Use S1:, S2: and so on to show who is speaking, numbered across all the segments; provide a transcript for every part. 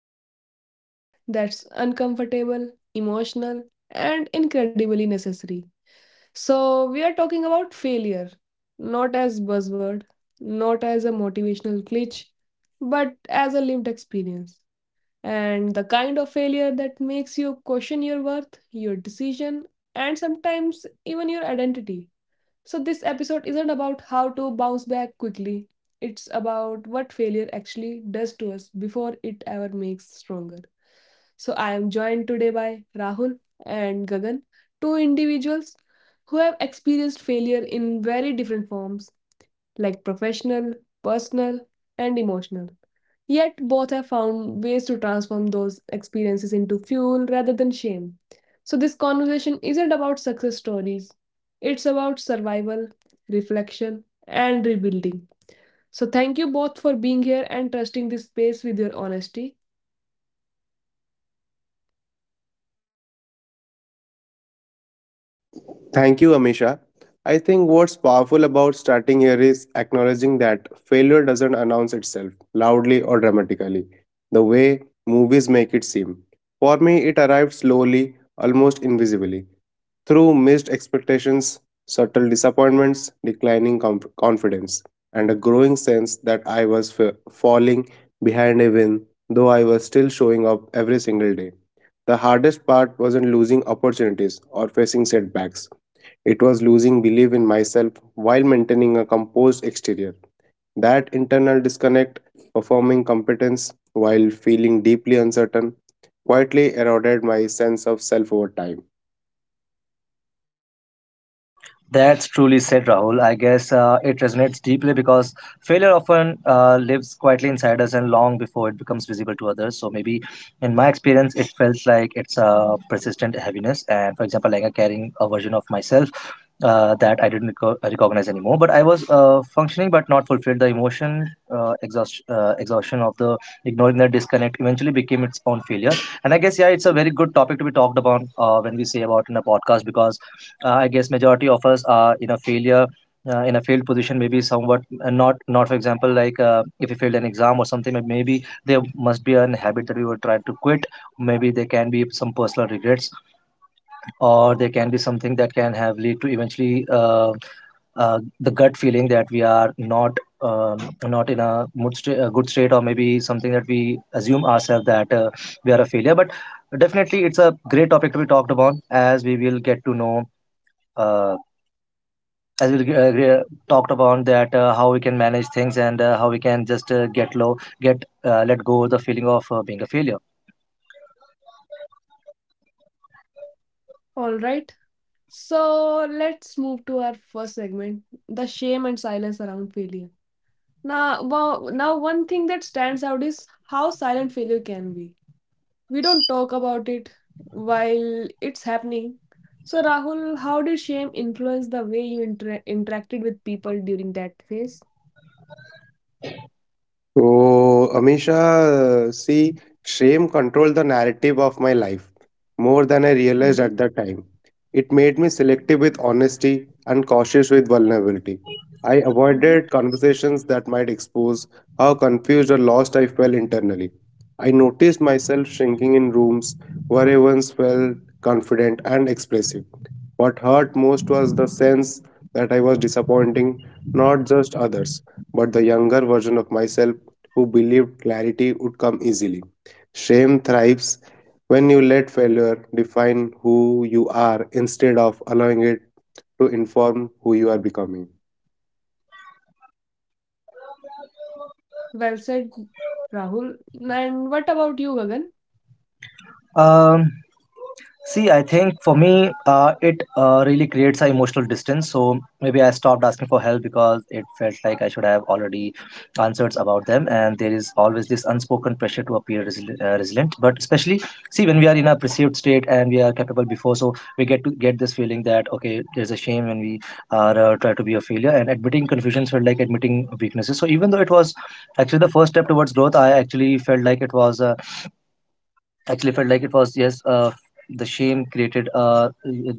S1: conversation that's uncomfortable, emotional, and incredibly necessary. So, we are talking about failure, not as buzzword, not as a motivational glitch, but as a lived experience. And the kind of failure that makes you question your worth, your decision, and sometimes even your identity. So, this episode isn't about how to bounce back quickly. It's about what failure actually does to us before it ever makes stronger. So, I am joined today by Rahul and Gagan, two individuals who have experienced failure in very different forms like professional, personal, and emotional. Yet, both have found ways to transform those experiences into fuel rather than shame. So, this conversation isn't about success stories, it's about survival, reflection, and rebuilding. So, thank you both for being here and trusting this space with your honesty.
S2: Thank you, Amisha. I think what's powerful about starting here is acknowledging that failure doesn't announce itself loudly or dramatically, the way movies make it seem. For me, it arrived slowly, almost invisibly, through missed expectations, subtle disappointments, declining confidence, and a growing sense that falling behind even though I was still showing up every single day. The hardest part wasn't losing opportunities or facing setbacks. It was losing belief in myself while maintaining a composed exterior. That internal disconnect, performing competence while feeling deeply uncertain, quietly eroded my sense of self over time.
S3: That's truly said, Rahul. I guess it resonates deeply because failure often lives quietly inside us and long before it becomes visible to others. So maybe in my experience, it felt like it's a persistent heaviness. And for example, like I'm carrying a version of myself that I didn't recognize anymore. But I was functioning, but not fulfilled. The exhaustion of the ignoring that disconnect eventually became its own failure. And I guess, yeah, it's a very good topic to be talked about when we say about in a podcast because I guess majority of us are in a failure. In a failed position, maybe somewhat not for example, like if you failed an exam or something, maybe there must be an habit that we were trying to quit. Maybe there can be some personal regrets, or there can be something that can have lead to eventually the gut feeling that we are not um, not in a a good state, or maybe something that we assume ourselves that we are a failure. But definitely it's a great topic to be talked about as we will get to know uh, as we talked about that how we can manage things, and how we can just get low get let go the feeling of being a failure.
S1: All right, so let's move to our first segment, the shame and silence around failure. Now, one thing that stands out is how silent failure can be. We don't talk about it while it's happening. So, Rahul, how did shame influence the way you interacted with people during that phase?
S2: So, Amisha, see, shame controlled the narrative of my life more than I realized
S1: Mm-hmm.
S2: at the time. It made me selective with honesty and cautious with vulnerability. I
S1: Mm-hmm.
S2: avoided conversations that might expose how confused or lost I felt internally. I noticed myself shrinking in rooms where I once felt confident and expressive. What hurt most was the sense that I was disappointing not just others but the younger version of myself who believed clarity would come easily. Shame thrives when you let failure define who you are instead of allowing it to inform who you are becoming.
S1: Well said, Rahul. And what about you, Gagan?
S3: um, See, I think for me, it really creates an emotional distance. So maybe I stopped asking for help because it felt like I should have already answers about them. And there is always this unspoken pressure to appear resilient. But especially, see, when we are in a perceived state and we are capable before, so we get to get this feeling that okay, there's a shame when we are try to be a failure. And admitting confusions felt like admitting weaknesses. So even though it was actually the first step towards growth, I actually felt like it was. Actually felt like it was, yes, the shame created uh,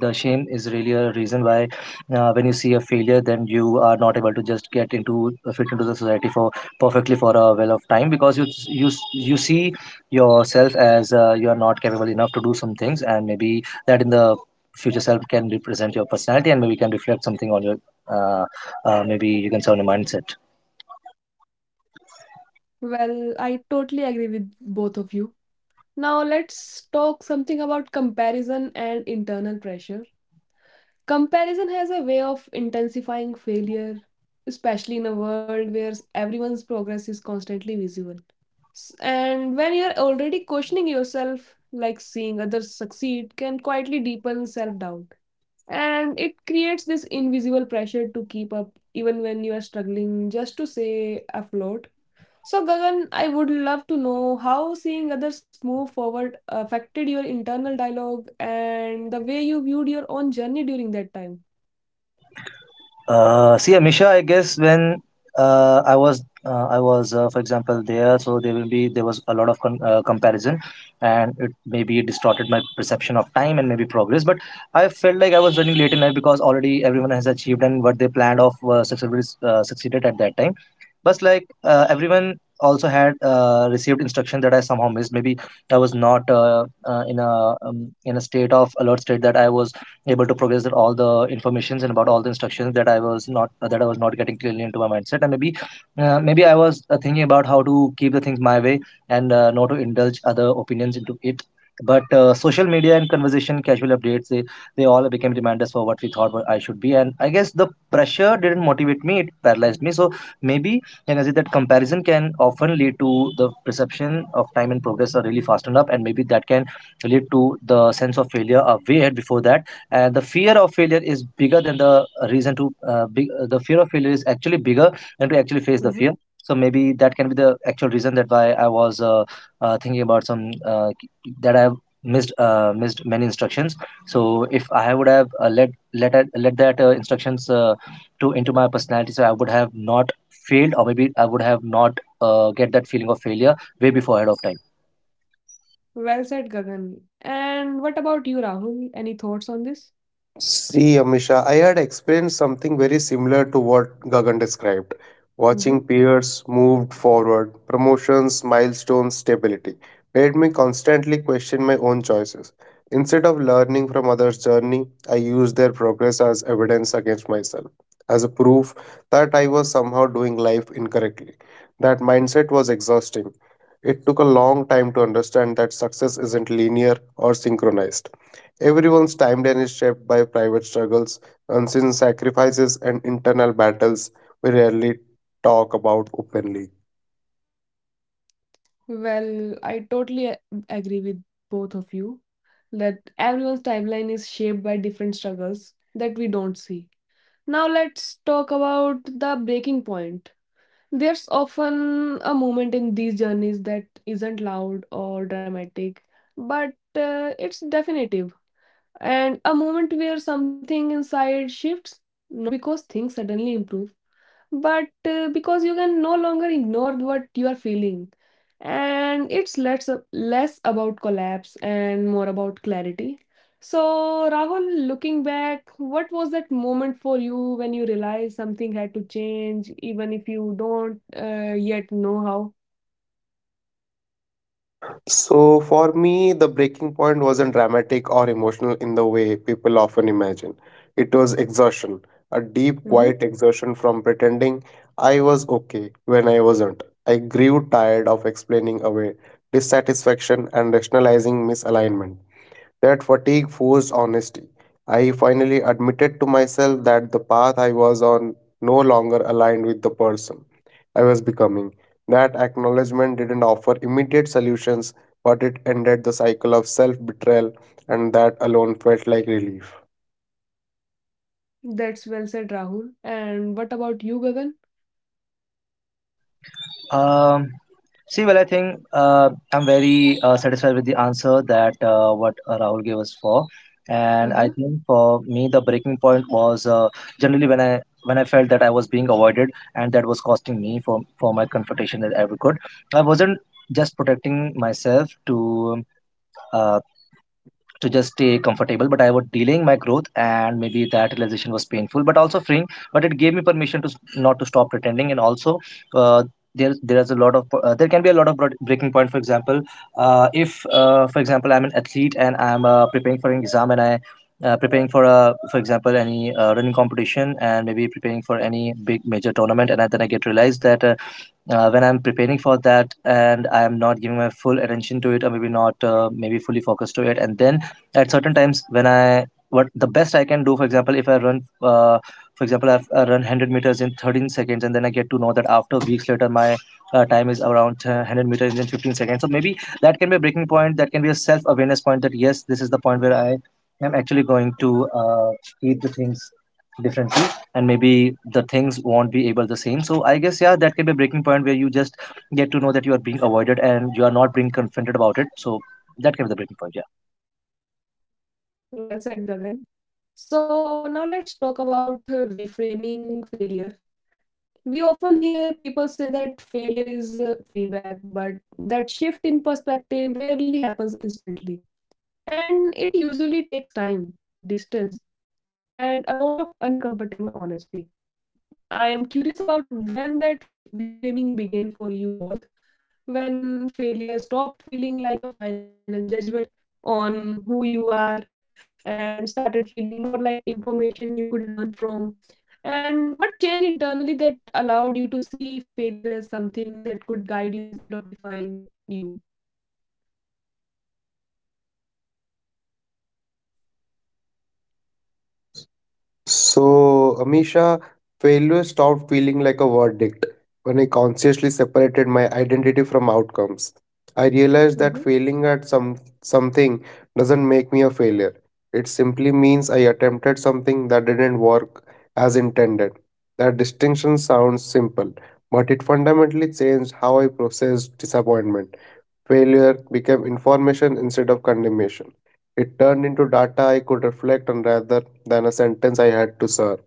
S3: the shame is really a reason why when you see a failure, then you are not able to just get into fit into the society for perfectly for a well of time because you you see yourself as you are not capable enough to do some things, and maybe that in the future self can represent your personality and maybe can reflect something on your uh, maybe you can say on your mindset.
S1: Well, I totally agree with both of you. Now, let's talk something about comparison and internal pressure. Comparison has a way of intensifying failure, especially in a world where everyone's progress is constantly visible. And when you're already questioning yourself, like seeing others succeed can quietly deepen self doubt. And it creates this invisible pressure to keep up even when you are struggling just to stay afloat. So, Gagan, I would love to know how seeing others move forward affected your internal dialogue and the way you viewed your own journey during that time.
S3: See, Amisha, I guess when for example, there, so there will be there was a lot of comparison, and it maybe distorted my perception of time and maybe progress. But I felt like I was running late in life because already everyone has achieved and what they planned of successfully succeeded at that time. But like everyone also had received instruction that I somehow missed. Maybe I was not in a state of alert state that I was able to progress all the informations and about all the instructions that I was not that I was not getting clearly into my mindset, and maybe I was thinking about how to keep the things my way, and not to indulge other opinions into it. But social media and conversation casual updates, they all became reminders for what we thought what I should be, and I guess the pressure didn't motivate me, it paralyzed me. So maybe, and as it, that comparison can often lead to the perception of time and progress are really fastened up, and maybe that can lead to the sense of failure a way ahead before that. And the fear of failure is bigger than the reason to, the fear of failure is actually bigger than to actually face the
S1: Mm-hmm.
S3: fear. So maybe that can be the actual reason that why I was thinking about some that I missed many instructions. So if I would have let that instructions to into my personality, so I would have not failed, or maybe I would have not get that feeling of failure way before ahead of time.
S1: Well said, Gagan. And what about you, Rahul? Any thoughts on this?
S2: See, Amisha, I had experienced something very similar to what Gagan described.
S1: Mm-hmm.
S2: Watching peers moved forward, promotions, milestones, stability made me constantly question my own choices. Instead of learning from others' journey, I used their progress as evidence against myself, as a proof that I was somehow doing life incorrectly. That mindset was exhausting. It took a long time to understand that success isn't linear or synchronized. Everyone's timeline is shaped by private struggles, unseen sacrifices, and internal battles we rarely talk about openly.
S1: Well, I totally agree with both of you that everyone's timeline is shaped by different struggles that we don't see. Now, let's talk about the breaking point. There's often a moment in these journeys that isn't loud or dramatic, but it's definitive, and a moment where something inside shifts, not because things suddenly improve, but because you can no longer ignore what you are feeling, and it's less about collapse and more about clarity. So, Rahul, looking back, what was that moment for you when you realized something had to change, even if you don't yet know how?
S2: So, for me, the breaking point wasn't dramatic or emotional in the way people often imagine. It was exhaustion, a deep,
S1: Hmm.
S2: quiet exhaustion from pretending I was okay when I wasn't. I grew tired of explaining away dissatisfaction and rationalizing misalignment. That fatigue forced honesty. I finally admitted to myself that the path I was on no longer aligned with the person I was becoming. That acknowledgement didn't offer immediate solutions, but it ended the cycle of self betrayal, and that alone felt like relief.
S1: That's well said, Rahul. And what about you, Gagan?
S3: Um, See, well, I think I'm very satisfied with the answer that what Rahul gave us for, and
S1: Hmm.
S3: I think for me the breaking point was generally when I felt that I was being avoided, and that was costing me for my confrontation that I could. I wasn't just protecting myself to. um, Uh, to just stay comfortable, but I was delaying my growth, and maybe that realization was painful but also freeing, but it gave me permission to not to stop pretending. And also uh, there is a lot of there can be a lot of breaking point, for example, if for example I'm an athlete and I'm preparing for an exam, and I preparing for a, for example, any running competition, and maybe preparing for any big major tournament, and then I get realized that when I'm preparing for that and I am not giving my full attention to it, or maybe not maybe fully focused to it. And then at certain times when I what the best I can do, for example, if I run for example I run 100 meters in 13 seconds, and then I get to know that after weeks later my time is around 100 meters in 15 seconds. So maybe that can be a breaking point, that can be a self-awareness point, that yes, this is the point where I am actually going to treat the things differently, and maybe the things won't be able the same. So I guess, yeah, that can be a breaking point where you just get to know that you are being avoided and you are not being confronted about it. So that can be the breaking point, yeah.
S1: Well said, Gagan. So now let's talk about reframing failure. We often hear people say that failure is feedback, but that shift in perspective rarely happens instantly. And it usually takes time, distance, and a lot of uncomfortable honesty. I am curious about when that reframing began for you both, when failure stopped feeling like a final judgment on who you are and started feeling more like information you could learn from. And what changed internally that allowed you to see failure as something that could guide you instead of define you?
S2: So, Amisha, failure stopped feeling like a verdict when I consciously separated my identity from outcomes. I
S1: Hmm.
S2: realized that failing at something doesn't make me a failure. It simply means I attempted something that didn't work as intended. That distinction sounds simple, but it fundamentally changed how I processed disappointment. Failure became information instead of condemnation. It turned into data I could reflect on rather than a sentence I had to serve.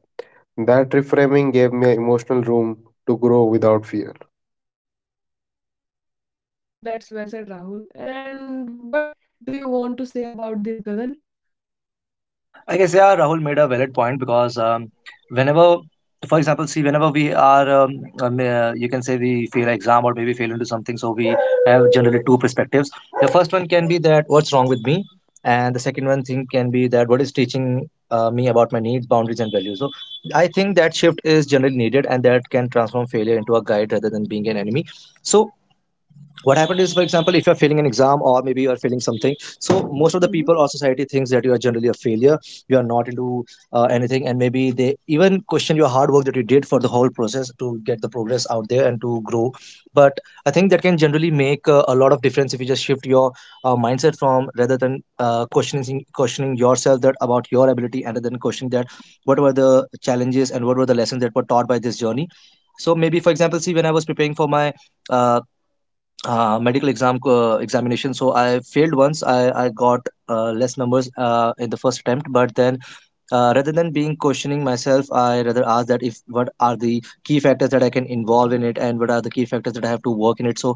S2: That reframing gave me emotional room to grow without fear.
S1: That's well said, Rahul. And what do you want to say about this, Gagan?
S3: I guess, yeah, Rahul made a valid point because whenever, for example, see, whenever we are, you can say we fail an exam or maybe fail into something, so we have generally two perspectives. The first one can be that what's wrong with me, and the second one thing can be that what is teaching me about my needs, boundaries, and values. So I think that shift is generally needed, and that can transform failure into a guide rather than being an enemy. So what happened is, for example, if you're failing an exam or maybe you're failing something, so most of the
S1: Mm-hmm.
S3: people or society thinks that you are generally a failure, you are not into anything, and maybe they even question your hard work that you did for the whole process to get the progress out there and to grow. But I think that can generally make a lot of difference if you just shift your mindset from, rather than questioning yourself that about your ability, and then questioning that what were the challenges and what were the lessons that were taught by this journey. So maybe, for example, see, when I was preparing for my uh, medical examination, so I failed once, I got less numbers in the first attempt. But then rather than being questioning myself, I rather ask that if what are the key factors that I can involve in it, and what are the key factors that I have to work in it. So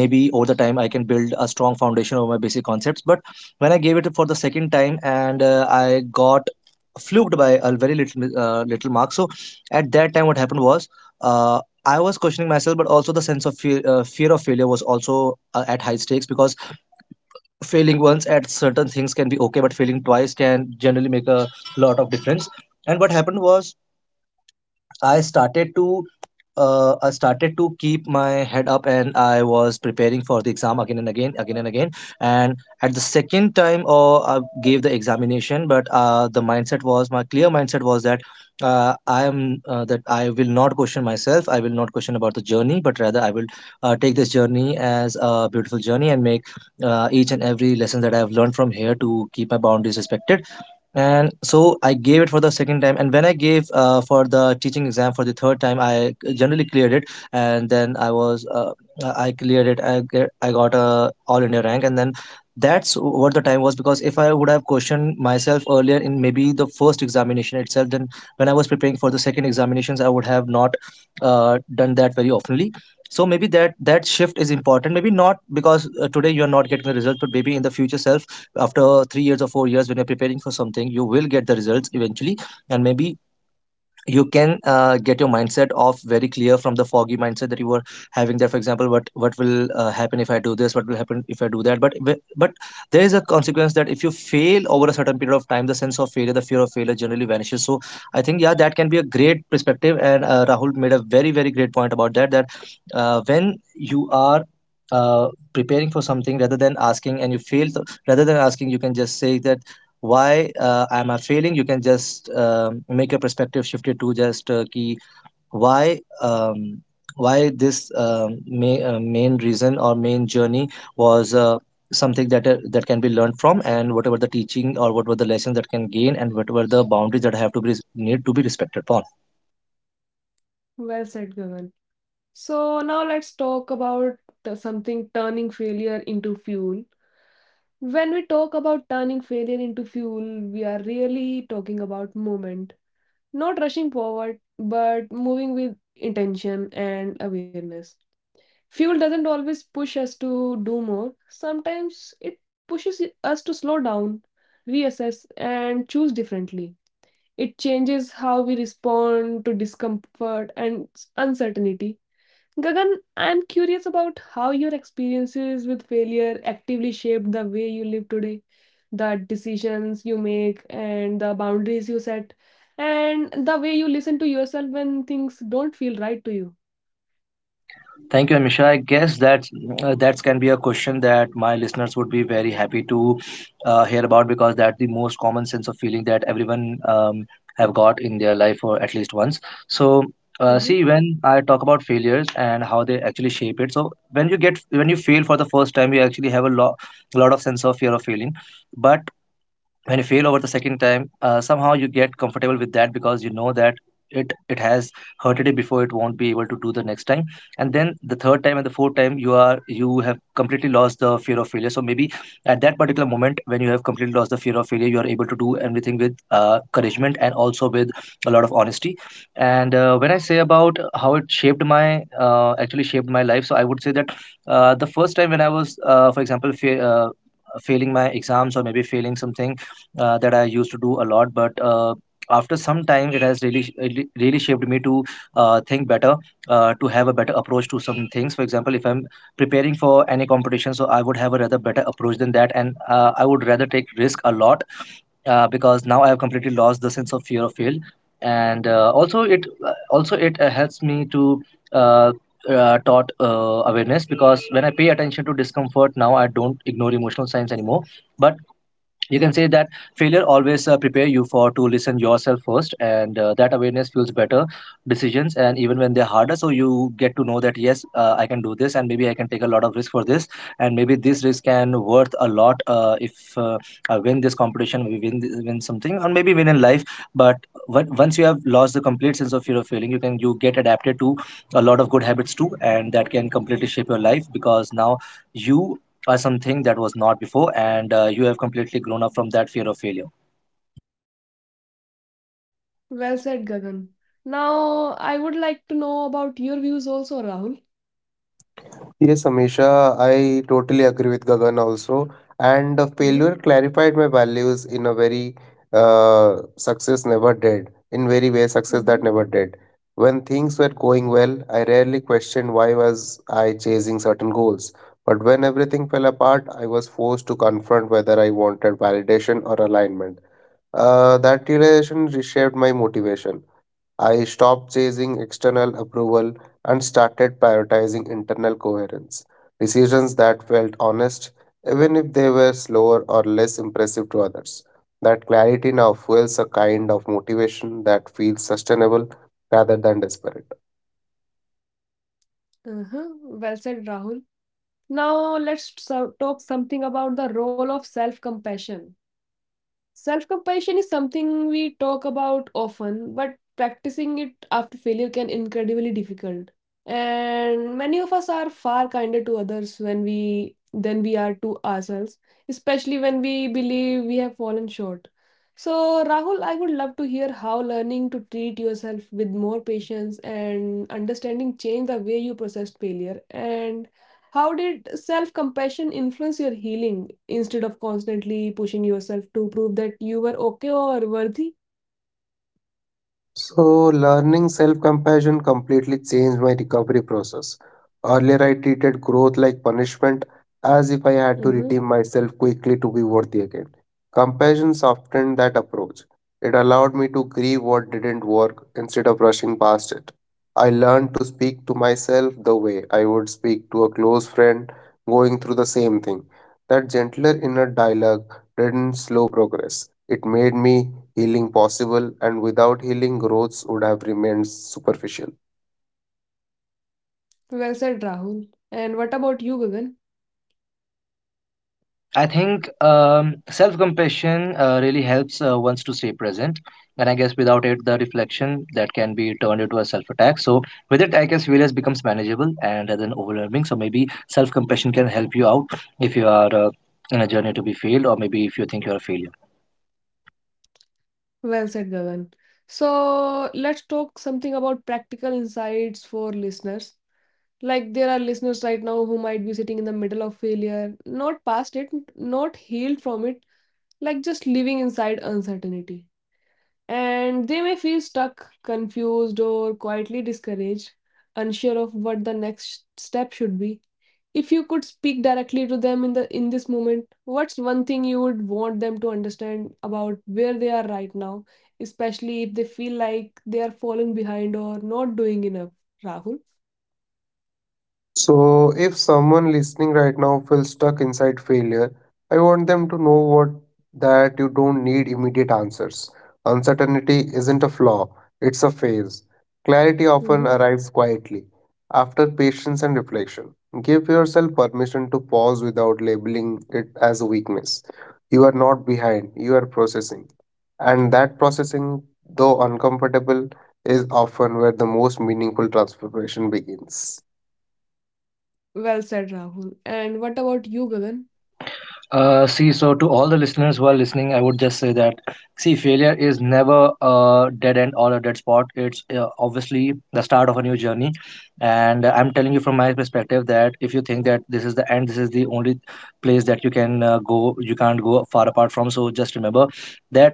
S3: maybe over the time I can build a strong foundation over my basic concepts. But when I gave it for the second time, and I got fluked by a very little mark. So at that time what happened was, uh, I was questioning myself, but also the sense of fear of failure was also at high stakes, because failing once at certain things can be okay, but failing twice can generally make a lot of difference. And what happened
S1: Mm-hmm.
S3: was, I started to I started to keep my head up, and I was preparing for the exam again and again, again and again. And at the second time, oh, I gave the examination, but the mindset was my clear mindset was that I am that I will not question myself. I will not question about the journey, but rather I will take this journey as a beautiful journey and make each and every lesson that I have learned from here to keep my boundaries respected. And so I gave it for the second time, and when I gave for the teaching exam for the third time, I generally cleared it. And then I cleared it. I got a all India rank. And then that's what the time was, because if I would have questioned myself earlier in maybe the first examination itself, then when I was preparing for the second examinations, I would have not done that very oftenly. So maybe that shift is important, maybe not, because today you are not getting the result, but maybe in the future self, after 3 years or 4 years, when you're preparing for something, you will get the results eventually. And maybe you can get your mindset off very clear from the foggy mindset that you were having there. For example, what will happen if I do this, what will happen if I do that, but there is a consequence that if you fail over a certain period of time, the sense of failure, the fear of failure, generally vanishes. So I think, yeah, that can be a great perspective. And Rahul made a very, very great point about that, that when you are uh, preparing for something, rather than asking and you rather than asking, you can just say that why am I failing. You can just make your perspective shifted to just key, why um, why this main reason or main journey was something that that can be learned from, and whatever the teaching or whatever the lesson that can gain, and whatever the boundaries that have to be, need to be respected upon.
S1: Well said, Gagan. So now let's talk about something turning failure into fuel. When we talk about turning failure into fuel, we are really talking about movement. Not rushing forward, but moving with intention and awareness. Fuel doesn't always push us to do more, sometimes it pushes us to slow down, reassess, and choose differently. It changes how we respond to discomfort and uncertainty. Gagan, I'm curious about how your experiences with failure actively shaped the way you live today, the decisions you make, and the boundaries you set, and the way you listen to yourself when things don't feel right to you.
S3: Thank you, Amisha. I guess that that can be a question that my listeners would be very happy to hear about, because that's the most common sense of feeling that everyone have got in their life, or at least once. So,
S1: Hmm.
S3: see, when I talk about failures and how they actually shape it. So, when you get when you fail for the first time, you actually have a lot of sense of fear of failing, but when you fail over the second time, somehow you get comfortable with that, because you know that it has hurted it before, it won't be able to do the next time. And then the third time and the fourth time, you have completely lost the fear of failure. So maybe at that particular moment when you have completely lost the fear of failure, you are able to do everything with encouragement and also with a lot of honesty. And when I say about how it shaped my actually shaped my life, so I would say that the first time when I was for example failing my exams or maybe failing something that I used to do a lot. But after some time, it has really, really, really shaped me to think better, to have a better approach to some things. For example, if I'm preparing for any competition, so I would have a rather better approach than that, and I would rather take risk a lot, because now I have completely lost the sense of fear of fail. And also it helps me to. Uh, taught Awareness, because when I pay attention to discomfort now, I don't ignore emotional signs anymore. But you can say that failure always prepare you for to listen yourself first, and that awareness fuels better decisions, and even when they're harder. So you get to know that yes, I can do this, and maybe I can take a lot of risk for this. And maybe this risk can worth a lot, if I win this competition, we win win something, or maybe win in life. But when, once you have lost the complete sense of fear of failing, you get adapted to a lot of good habits too, and that can completely shape your life, because now you, or something that was not before, and you have completely grown up from that fear of failure.
S1: Well said, Gagan. Now, I would like to know about your views also, Rahul.
S2: Yes, Amisha, I totally agree with Gagan also. And the
S1: Mm-hmm.
S2: failure clarified my values in a very success never did, in very way success that
S1: Mm-hmm.
S2: never did. When things were going well, I rarely questioned why was I chasing certain goals. But when everything fell apart, I was forced to confront whether I wanted validation or alignment. That realization reshaped my motivation. I stopped chasing external approval and started prioritizing internal coherence. Decisions that felt honest, even if they were slower or less impressive to others. That clarity now fuels a kind of motivation that feels sustainable rather than desperate.
S1: Uh huh. Well said, Rahul. Now, let's talk something about the role of self compassion. Self compassion is something we talk about often, but practicing it after failure can incredibly difficult. And many of us are far kinder to others when we than we are to ourselves, especially when we believe we have fallen short. So, Rahul, I would love to hear how learning to treat yourself with more patience and understanding changed the way you processed failure. And how did self compassion influence your healing instead of constantly pushing yourself to prove that you were okay or worthy?
S2: So, learning self compassion completely changed my recovery process. Earlier, I treated growth like punishment, as if I had to
S1: Hmm.
S2: redeem myself quickly to be worthy again. Compassion softened that approach. It allowed me to grieve what didn't work instead of rushing past it. I learned to speak to myself the way I would speak to a close friend going through the same thing. That gentler inner dialogue didn't slow progress, it made me healing possible, and without healing, growths would have remained superficial.
S1: Well said, Rahul. And what about you, Gagan?
S3: I think self-compassion really helps ones to stay present, and I guess without it the reflection that can be turned into a self-attack. So with it, I guess failures becomes manageable and rather than overwhelming. So maybe self-compassion can help you out if you are in a journey to be failed, or maybe if you think you're a failure.
S1: Well said, Gagan. So let's talk something about practical insights for listeners. Like there are listeners right now who might be sitting in the middle of failure, not past it, not healed from it, like just living inside uncertainty. And they may feel stuck, confused, or quietly discouraged, unsure of what the next step should be. If you could speak directly to them in this moment, what's one thing you would want them to understand about where they are right now, especially if they feel like they are falling behind or not doing enough, Rahul?
S2: So, if someone listening right now feels stuck inside failure, I want them to know what that you don't need immediate answers. Uncertainty isn't a flaw, it's a phase. Clarity often
S1: Hmm.
S2: arrives quietly after patience and reflection. Give yourself permission to pause without labeling it as a weakness. You are not behind, you are processing. And that processing, though uncomfortable, is often where the most meaningful transformation begins.
S1: Well said, Rahul. And what about you, Gagan?
S3: See, so to all the listeners who are listening, I would just say that, see, failure is never a dead end or a dead spot. It's obviously the start of a new journey. And I'm telling you from my perspective that if you think that this is the end, this is the only place that you can go, you can't go far apart from. So just remember that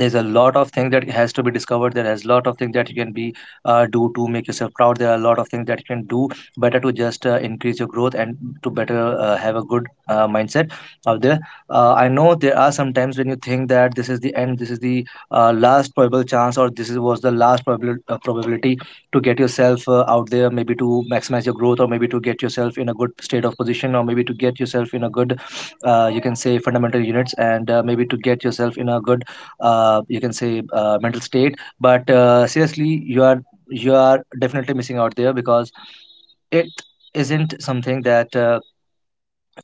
S3: there's a lot of things that has to be discovered, there has a lot of things that you can be do to make yourself proud, there are a lot of things that you can do better to just increase your growth and to better have a good mindset out there. I know there are some times when you think that this is the end, this is the last probable chance, or this is, was the last probability to get yourself out there, maybe to maximize your growth, or maybe to get yourself in a good state of position, or maybe to get yourself in a good you can say fundamental units, and maybe to get yourself in a good you can say mental state. But seriously, you are definitely missing out there, because it isn't something that uh,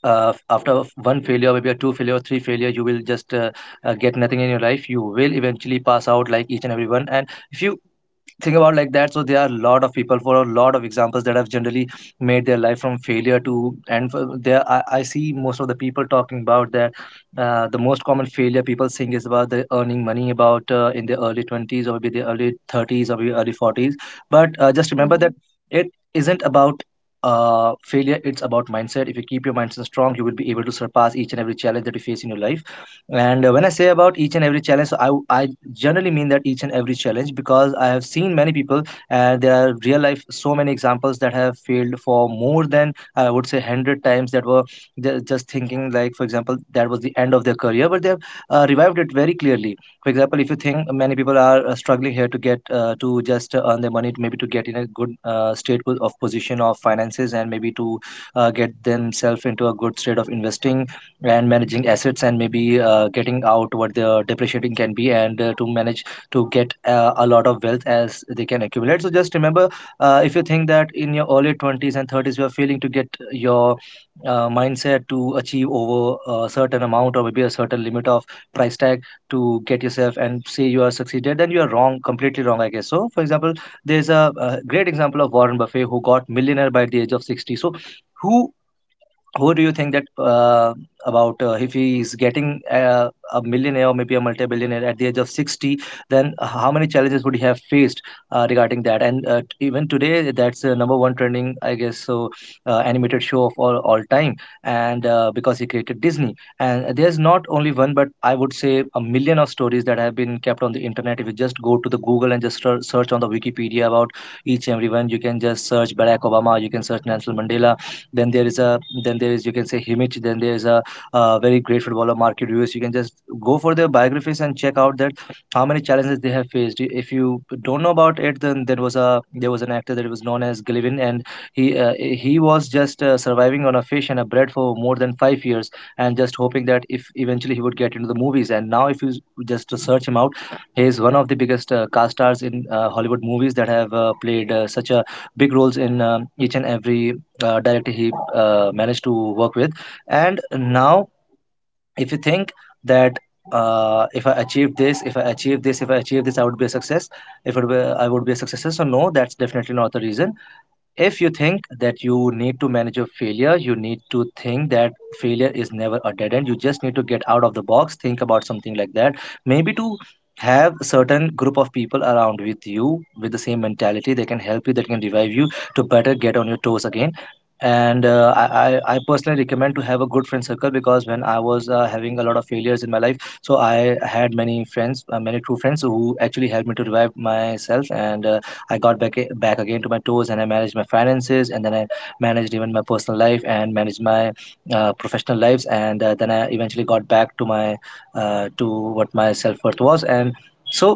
S3: uh, after one failure, maybe a two failure or three failure, you will just get nothing in your life. You will eventually pass out like each and everyone. And if you think about like that, so there are a lot of people, for a lot of examples, that have generally made their life from failure to, there I see most of the people talking about that the most common failure people think is about the earning money, about in the early 20s, or maybe the early 30s, or maybe early 40s. But just remember that it isn't about failure, it's about mindset. If you keep your mindset strong, you will be able to surpass each and every challenge that you face in your life. And when I say about each and every challenge, so I generally mean that each and every challenge, because I have seen many people, and there are real life so many examples that have failed for more than, I would say, 100 times, that were just thinking, like, for example, that was the end of their career, but they have revived it very clearly. For example, if you think many people are struggling here to get to just earn their money, maybe to get in a good of position of finances, and maybe to get themselves into a good state of investing and managing assets, and maybe getting out what the depreciating can be, and to manage to get a lot of wealth as they can accumulate. So just remember, if you think that in your early 20s and 30s, you are failing to get your mindset to achieve over a certain amount, or maybe a certain limit of price tag, to get yourself and say you are succeeded, then you are wrong, completely wrong, I guess. So for example, there's a great example of Warren Buffett, who got millionaire by the age of 60. So who who do you think that about if he is getting a millionaire or maybe a multi-billionaire at the age of 60, then how many challenges would he have faced regarding that? And even today that's number one trending, I guess, so animated show of all time, and because he created Disney. And there's not only one, but I would say a million of stories that have been kept on the internet. If you just go to the Google and just search on the Wikipedia about each and everyone, you can just search Barack Obama, you can search Nelson Mandela, then there is a then there is, you can say, Himich, then there is a very great footballer Market Rios. You can just go for their biographies. And check out that how many challenges they have faced. If you don't know about it, then there was an actor that was known as Gilvin, and he was just surviving on a fish and a bread for more than 5 years and just hoping that if eventually he would get into the movies. And now if you just to search him out, he is one of the biggest cast stars in Hollywood movies that have played such a big roles in each and every directly he managed to work with. And now if you think that, if I achieved this, if I achieved this, if I achieved this, I would be a success. If it were, I would be a success. So no, that's definitely not the reason. If you think that you need to manage your failure, you need to think that failure is never a dead end. You just need to get out of the box, think about something like that. Maybe to have a certain group of people around with you with the same mentality, they can help you, they can revive you to better get on your toes again. And I personally recommend to have a good friend circle, because when I was having a lot of failures in my life, so I had many friends, many true friends who actually helped me to revive myself, and I got back again to my toes, and I managed my finances, and then I managed even my personal life and managed my professional lives, and then I eventually got back to my to what my self worth was, and so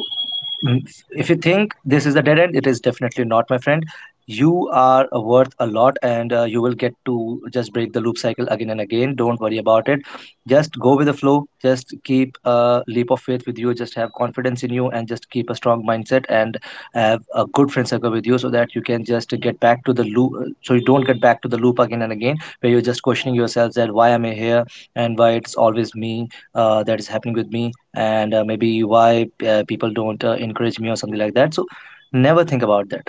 S3: Mm, if you think this is the dead end, it is definitely not, my friend. You are worth a lot, and you will get to just break the loop cycle again and again. Don't worry about it. Just go with the flow. Just keep a leap of faith with you. Just have confidence in you, and just keep a strong mindset and have a good friend circle with you so that you can just get back to the loop. So you don't get back to the loop again and again where you're just questioning yourself that why am I here, and why it's always me that is happening with me, and maybe why people don't encourage me or something like that. So never think about that.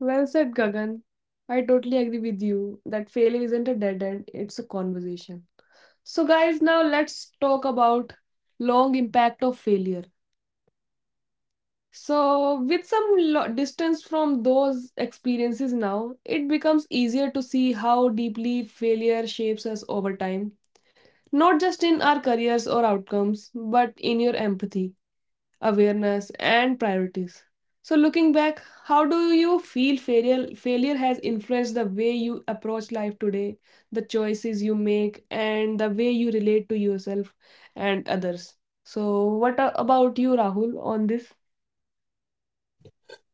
S1: Well said, Gagan. I totally agree with you that failure isn't a dead end, it's a conversation. So, guys, now let's talk about long impact of failure. So, with some distance from those experiences now, it becomes easier to see how deeply failure shapes us over time, not just in our careers or outcomes, but in your empathy, awareness, and priorities. So, looking back, how do you feel failure has influenced the way you approach life today, the choices you make, and the way you relate to yourself and others? So, what about you, Rahul, on this?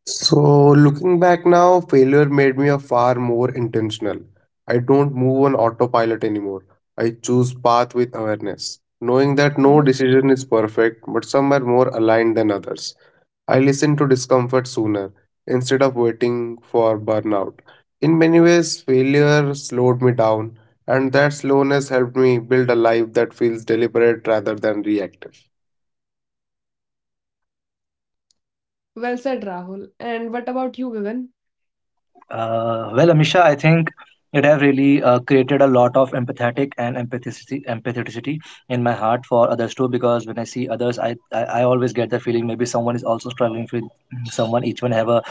S2: So, looking back now, failure made me a far more intentional. I don't move on autopilot anymore. I choose path with awareness, knowing that no
S1: Hmm.
S2: decision is perfect, but some are more aligned than others. I listen to discomfort sooner instead of waiting for burnout. In many ways, failure slowed me down, and that slowness helped me build a life that feels deliberate rather than reactive.
S1: Well said, Rahul. And what about you, Gagan?
S3: Well, Amisha, I think it have really created a lot of empatheticity in my heart for others too. Because when I see others, I always get the feeling maybe someone is also struggling with someone. Each one have a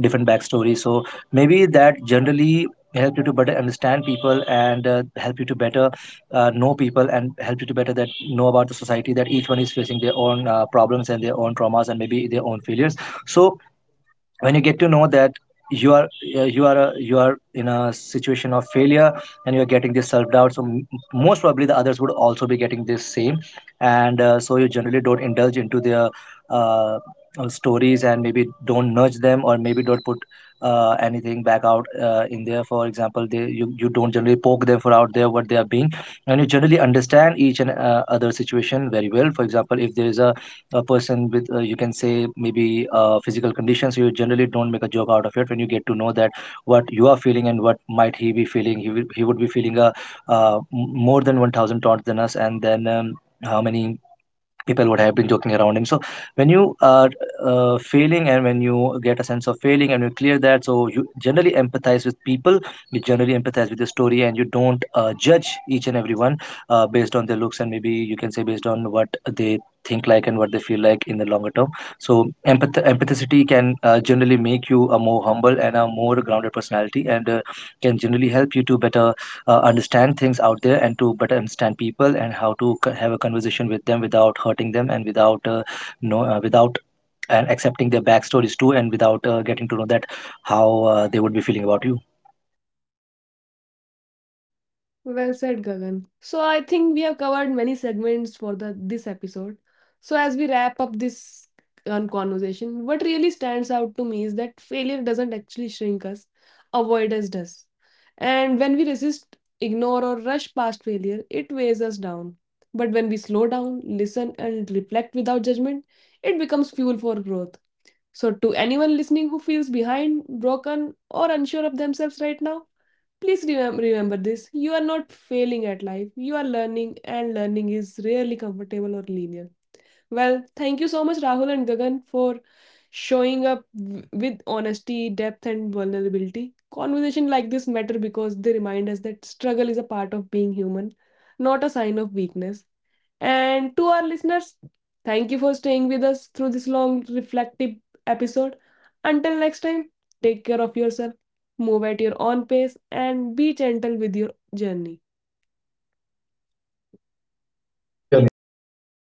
S3: different backstory, so maybe that generally help you to better understand people, and help you to better know people, and help you to better that know about the society, that each one is facing their own problems and their own traumas and maybe their own failures. So when you get to know that you are you are in a situation of failure, and you're getting this self-doubt, so most probably the others would also be getting this same, and so you generally don't indulge into their uh, stories, and maybe don't nudge them, or maybe don't put anything back out in there. For example, they you, you don't generally poke them for out there what they are being, and you generally understand each and other situation very well. For example, if there is a person with, you can say, maybe physical conditions, you generally don't make a joke out of it. When you get to know that what you are feeling and what might he be feeling, he would be feeling a more than 1000 taunts than us, and then how many people would have been joking around him. So when you are failing, and when you get a sense of failing and you clear that, so you generally empathize with people, you generally empathize with the story, and you don't judge each and everyone based on their looks, and maybe you can say based on what they think like and what they feel like in the longer term. So empathicity can generally make you a more humble and a more grounded personality, and can generally help you to better understand things out there, and to better understand people, and how to have a conversation with them without hurting them, and without no without, and accepting their backstories too, and without getting to know that how they would be feeling about you.
S1: Well said, Gagan. So I think we have covered many segments for the this episode. So as we wrap up this conversation, what really stands out to me is that failure doesn't actually shrink us, avoidance does. And when we resist, ignore, or rush past failure, it weighs us down. But when we slow down, listen, and reflect without judgment, it becomes fuel for growth. So, to anyone listening who feels behind, broken, or unsure of themselves right now, please remember this. You are not failing at life. You are learning, and learning is rarely comfortable or linear. Well, thank you so much, Rahul and Gagan, for showing up with honesty, depth, and vulnerability. Conversation like this matter because they remind us that struggle is a part of being human, not a sign of weakness. And to our listeners, thank you for staying with us through this long, reflective episode. Until next time, take care of yourself, move at your own pace, and be gentle with your journey.
S3: Thank you, Abhishek.
S2: Thank you, Amisha.